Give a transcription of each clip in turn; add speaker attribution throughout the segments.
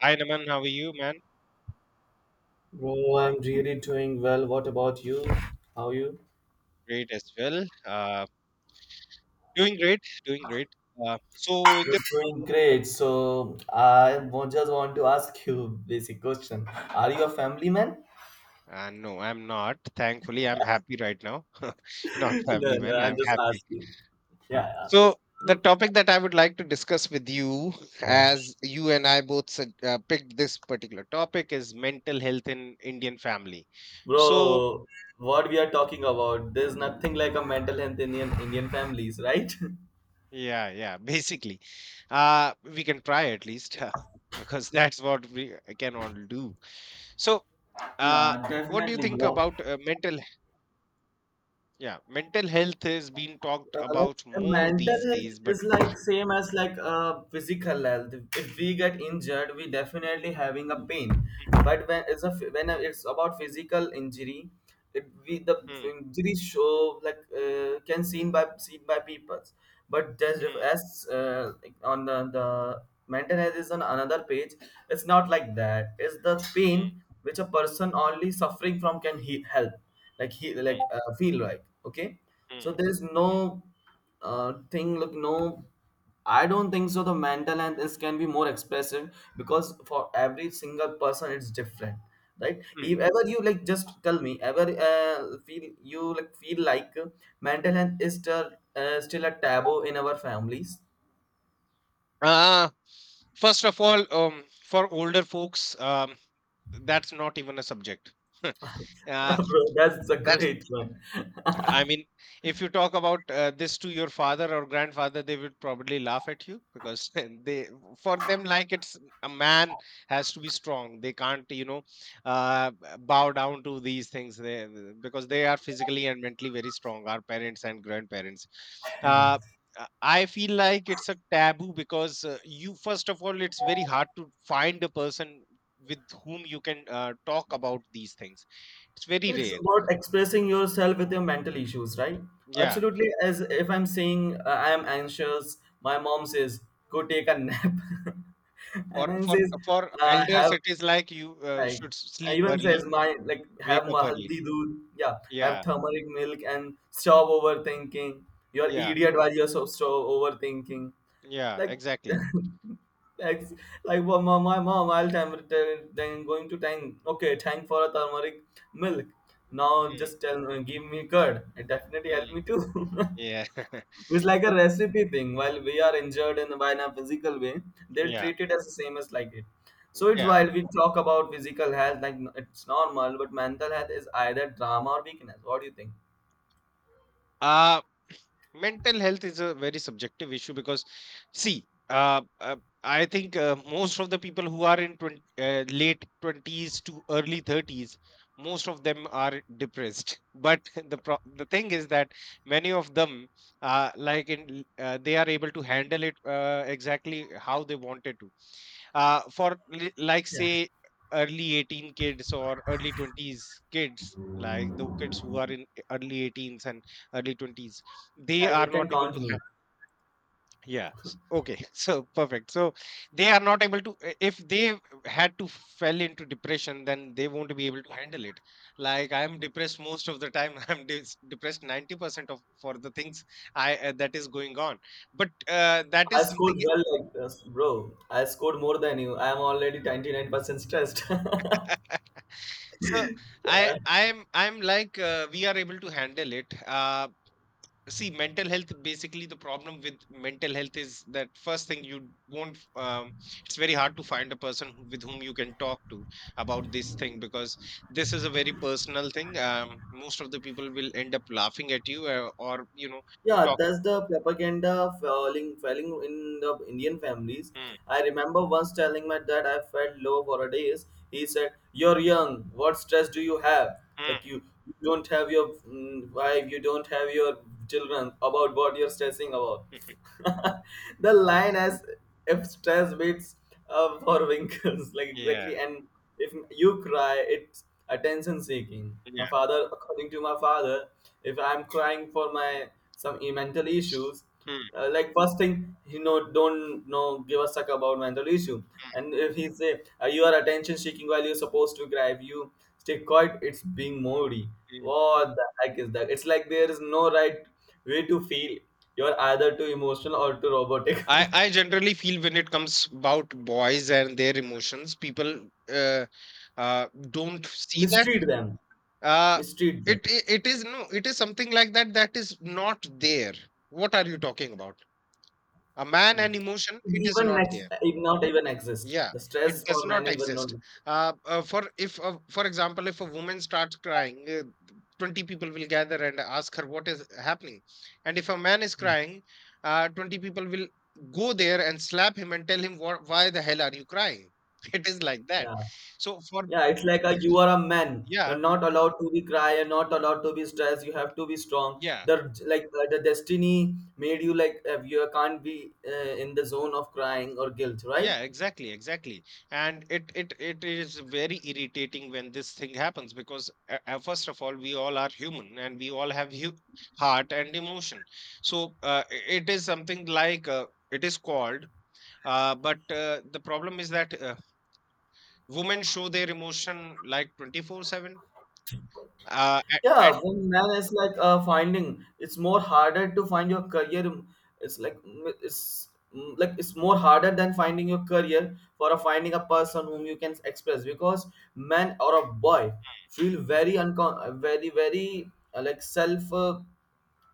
Speaker 1: Hi, Naman. How are you, man?
Speaker 2: Bro, I'm really doing well. What about you? How are you?
Speaker 1: Great as well. Doing great, doing great. So in
Speaker 2: You're
Speaker 1: this,
Speaker 2: doing great. So I just want to ask you basic question. Are you a family man?
Speaker 1: no, I'm not. Thankfully, I'm happy right now. Not
Speaker 2: No,
Speaker 1: family
Speaker 2: no,
Speaker 1: man,
Speaker 2: I'm
Speaker 1: I'm
Speaker 2: just
Speaker 1: happy.
Speaker 2: asking. Yeah. Yeah.
Speaker 1: So the
Speaker 2: So,
Speaker 1: topic that I would like to discuss with you,
Speaker 2: yeah.
Speaker 1: as you and I both picked this particular topic, is mental health in Indian family. So
Speaker 2: Bro, what we are talking about, there's nothing like a mental health in Indian families, right?
Speaker 1: yeah, yeah, basically, we can try at least, because that's what we can all do. So. Uh,
Speaker 2: Yeah,
Speaker 1: what do you
Speaker 2: definitely,
Speaker 1: think
Speaker 2: bro.
Speaker 1: about mental? Yeah, mental health is being talked
Speaker 2: uh, like
Speaker 1: about
Speaker 2: uh,
Speaker 1: more
Speaker 2: mental
Speaker 1: these
Speaker 2: health
Speaker 1: days. But.
Speaker 2: is like same as like physical health. If we get injured, we definitely having a pain, but when it's a ph- when it's about physical injury, it we the
Speaker 1: Mm,
Speaker 2: injury show like can seen by people. But just
Speaker 1: mm,
Speaker 2: as like on the mental health is on another page. It's not like that, it's the pain
Speaker 1: mm,
Speaker 2: which a person only suffering from can he help, like he like
Speaker 1: mm,
Speaker 2: feel like okay. So
Speaker 1: mm,
Speaker 2: there's no thing like no, I don't think so the mental health is can be more expressive because for every single person it's different, right?
Speaker 1: mm,
Speaker 2: If
Speaker 1: mm.
Speaker 2: ever you like just tell me ever feel you like feel like mental health is still a taboo in our families.
Speaker 1: uh, First of all, for older folks, that's not even a subject. uh,
Speaker 2: Bro, that's a
Speaker 1: that's
Speaker 2: great one.
Speaker 1: I mean, if you talk about this to your father or grandfather, they would probably laugh at you, because they, for them, like it's a man has to be strong. They can't, bow down to these things, because they are physically and mentally very strong, our parents and grandparents. Uh, I feel like it's a taboo because you, first of all, it's very hard to find a person with whom you can talk about these things. It's very
Speaker 2: It's
Speaker 1: rare.
Speaker 2: about expressing yourself with your mental issues, right?
Speaker 1: Yeah.
Speaker 2: Absolutely. As if I'm saying I am anxious, my mom says, go take a nap. And
Speaker 1: For
Speaker 2: then
Speaker 1: for
Speaker 2: says,
Speaker 1: for
Speaker 2: have
Speaker 1: elders, it is like you
Speaker 2: like
Speaker 1: should sleep
Speaker 2: even says
Speaker 1: early,
Speaker 2: my like have
Speaker 1: wake up early.
Speaker 2: mahaldi doodh, yeah, have
Speaker 1: Yeah,
Speaker 2: turmeric milk and stop overthinking. You're
Speaker 1: yeah,
Speaker 2: idiot while you're so stop overthinking.
Speaker 1: yeah,
Speaker 2: Like,
Speaker 1: exactly.
Speaker 2: like like well, my mom I'll then going to tank, okay, thank for a turmeric milk. Now
Speaker 1: Mm,
Speaker 2: just tell give me curd, it definitely helped me
Speaker 1: mm,
Speaker 2: too.
Speaker 1: yeah.
Speaker 2: It's like a
Speaker 1: So
Speaker 2: recipe thing. While we are injured in by in a physical way, they'll
Speaker 1: yeah,
Speaker 2: treat it as the same as like it. So it's
Speaker 1: yeah.
Speaker 2: while we talk about physical health, like it's normal, but mental health is either drama or weakness. What do you think?
Speaker 1: Uh Mental health is a very subjective issue because, see, I think most of the people who are in 20, late 20s to early 30s, most of them are depressed. But the thing is that many of them, they are able to handle it exactly how they wanted to, for like
Speaker 2: Yeah,
Speaker 1: say early 18 kids or early 20s kids, like the kids who are in early 18s and early 20s, they
Speaker 2: like
Speaker 1: are
Speaker 2: you can
Speaker 1: not able
Speaker 2: count
Speaker 1: to
Speaker 2: me.
Speaker 1: have. Yeah, okay. So perfect. So they are not able to, if they had to fell into depression, then they won't be able to handle it. Like I am depressed most of the time. I'm depressed 90% of for the things, I that is going on, but that
Speaker 2: I
Speaker 1: is
Speaker 2: scored
Speaker 1: something.
Speaker 2: well like this, bro. I scored more than you. I am already 99% stressed.
Speaker 1: So I
Speaker 2: Yeah.
Speaker 1: I'm I'm like, we are able to handle it. See, mental health, basically the problem with mental health is that first thing you won't. It's very hard to find a person who- with whom you can talk to about this thing, because this is a very personal thing. Most of the people will end up laughing at you, or
Speaker 2: Yeah,
Speaker 1: talk.
Speaker 2: that's the propaganda falling in the Indian families.
Speaker 1: Mm,
Speaker 2: I remember once telling my dad I felt low for a days. He said, "You're young. What stress do you have? Like
Speaker 1: mm,
Speaker 2: you don't have your wife, you don't have your children. About what you're stressing about."
Speaker 1: mm, mm,
Speaker 2: The line, as if stress beats for winkles, like exactly.
Speaker 1: yeah.
Speaker 2: And if you cry, it's attention seeking. My
Speaker 1: Yeah.
Speaker 2: father, according to my father, if I'm crying for my some mental issues,
Speaker 1: Mm,
Speaker 2: like first thing he know don't know give a suck about mental issue. And if he say you are attention seeking, while you're supposed to cry, if you stay quiet, it's being moody.
Speaker 1: mm.
Speaker 2: What the heck is that? It's like there is no right way to feel, you're either too emotional or too robotic.
Speaker 1: I generally feel when it comes about boys and their emotions, people don't see that.
Speaker 2: Mistreat them.
Speaker 1: uh,
Speaker 2: Mistreat them.
Speaker 1: it is, no, it is something like that, that is not there. What are you talking about? A man
Speaker 2: Hmm.
Speaker 1: and emotion, it is
Speaker 2: Even
Speaker 1: not
Speaker 2: next,
Speaker 1: there.
Speaker 2: even not even exist.
Speaker 1: Yeah,
Speaker 2: The
Speaker 1: it
Speaker 2: stress
Speaker 1: does
Speaker 2: for men
Speaker 1: not
Speaker 2: even not.
Speaker 1: exist. For example, if a woman starts crying, 20 people will gather and ask her what is happening. And if a man is
Speaker 2: Hmm.
Speaker 1: crying, 20 people will go there and slap him and tell him what, why the hell are you crying? It is like that.
Speaker 2: Yeah,
Speaker 1: So for
Speaker 2: yeah. It's like a, you are a man.
Speaker 1: yeah,
Speaker 2: You're not allowed to be cry. You're not allowed to be stressed. You have to be strong.
Speaker 1: yeah.
Speaker 2: The like the destiny made you like, you can't be in the zone of crying or guilt, right?
Speaker 1: Yeah, exactly, exactly. And it is very irritating when this thing happens, because first of all, we all are human and we all have hu heart and emotion. So it is something like, it is called. But the problem is that women show their emotion like 24/7. Uh, at, at,
Speaker 2: Yeah, when man is like finding it's more harder to find your career, it's like it's like it's more harder than finding your career for a finding a person whom you can express, because man or a boy feel very uncon very very like self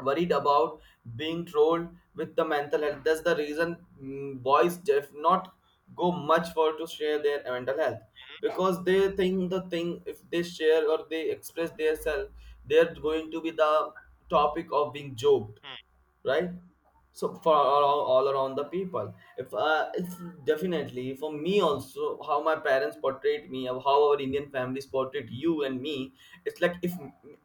Speaker 2: worried about being trolled with the mental health. That's the reason boys def not go much for to share their mental health because they think the thing, if they share or they express their self, they're going to be the topic of being joked,
Speaker 1: mm,
Speaker 2: right? So for all around the people, if it's definitely for me also how my parents portrayed me or how our Indian families portrayed you and me. It's like if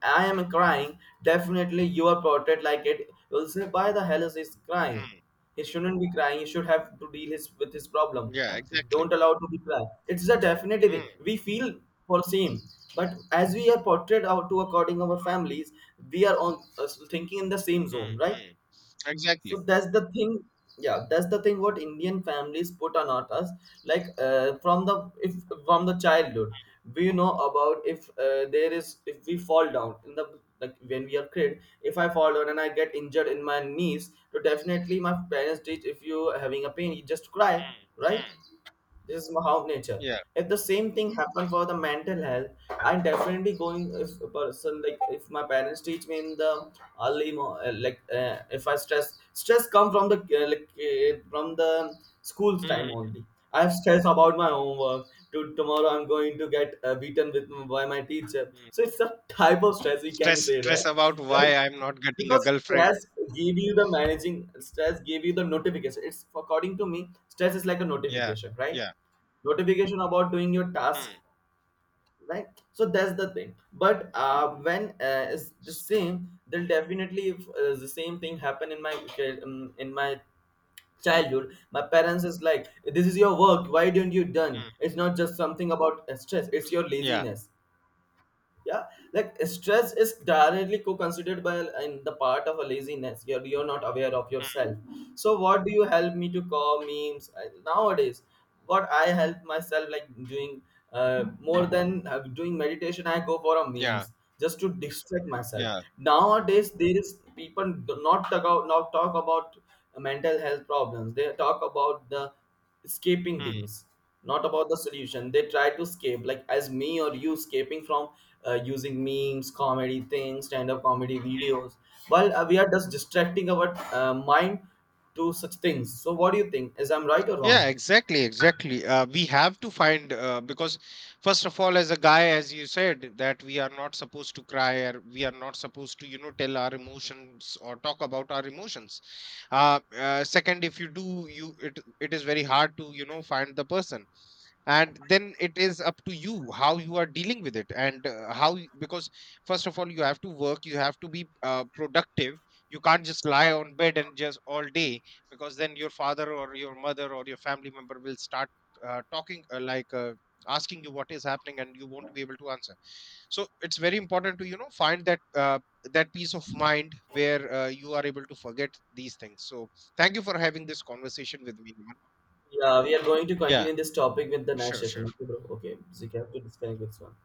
Speaker 2: I am crying, definitely you are portrayed like it. You'll say, why the hell is he crying?
Speaker 1: mm,
Speaker 2: He shouldn't be crying, he should have to deal his with his problem.
Speaker 1: yeah, exactly.
Speaker 2: Don't allow to be cry, it's a definitely thing
Speaker 1: Mm,
Speaker 2: we feel for same. But as we are portrayed out to according our families, we are on thinking in the same zone,
Speaker 1: mm,
Speaker 2: right?
Speaker 1: mm.
Speaker 2: So
Speaker 1: Exactly.
Speaker 2: that's the thing. Yeah, that's the thing what Indian families put on us. Like, from the if from the childhood, we know about if there is if we fall down in the like when we are kid, if I fall down and I get injured in my knees, so definitely my parents teach, if you having a pain, you just cry,
Speaker 1: Mm,
Speaker 2: right?
Speaker 1: mm.
Speaker 2: This is how nature.
Speaker 1: Yeah.
Speaker 2: If the same thing happened for the mental health, I'm definitely going. If a person like, if my parents teach me in the early mo- like if I stress come from the school's time only. I have stress about my homework. To tomorrow I'm going to get beaten with by my teacher.
Speaker 1: Mm.
Speaker 2: So it's a type of stress we can
Speaker 1: Stress,
Speaker 2: say
Speaker 1: stress
Speaker 2: that,
Speaker 1: about
Speaker 2: right?
Speaker 1: why I'm not getting a
Speaker 2: Because
Speaker 1: girlfriend.
Speaker 2: stress gave you the managing stress gave you the notification, it's according to me stress is like a
Speaker 1: Yeah.
Speaker 2: notification, right?
Speaker 1: Yeah.
Speaker 2: Notification about doing your task,
Speaker 1: Mm,
Speaker 2: right? So that's the thing, but when it's the same. Then definitely, if the same thing happened in my
Speaker 1: mm,
Speaker 2: childhood, my parents is like, this is your work, why didn't you done?
Speaker 1: mm.
Speaker 2: It's not just something about stress, it's your
Speaker 1: Yeah.
Speaker 2: laziness. Yeah, like stress is directly co-considered by in the part of a laziness. You're not aware of
Speaker 1: Mm,
Speaker 2: yourself. So what do you help me to call memes, nowadays what I help myself like doing more than doing meditation I go for a
Speaker 1: yeah.
Speaker 2: memes just to distract myself.
Speaker 1: Yeah.
Speaker 2: Nowadays there is people do not talk out not talk about mental health problems, they talk about the escaping
Speaker 1: Mm.
Speaker 2: things, not about the solution. They try to escape, like as me or you escaping from using memes, comedy things, stand-up comedy videos, while we are just distracting our mind to such things. So what do you think, is I'm right or wrong?
Speaker 1: Yeah, exactly, exactly. We have to find, because first of all, as a guy, as you said, that we are not supposed to cry, or we are not supposed to, you know, tell our emotions or talk about our emotions. Second, if you do, you, it is very hard to, you know, find the person, and then it is up to you how you are dealing with it, and because first of all, you have to work, you have to be productive. You can't just lie on bed and just all day, because then your father or your mother or your family member will start talking, asking you what is happening, and you won't be able to answer. So it's very important to, you know, find that, that peace of mind where you are able to forget these things. So thank you for having this conversation with me, Niman.
Speaker 2: Yeah, we are going to
Speaker 1: Yeah,
Speaker 2: continue this topic with the next
Speaker 1: sure,
Speaker 2: session.
Speaker 1: sure.
Speaker 2: Okay, bro, okay, so you have to disconnect this one.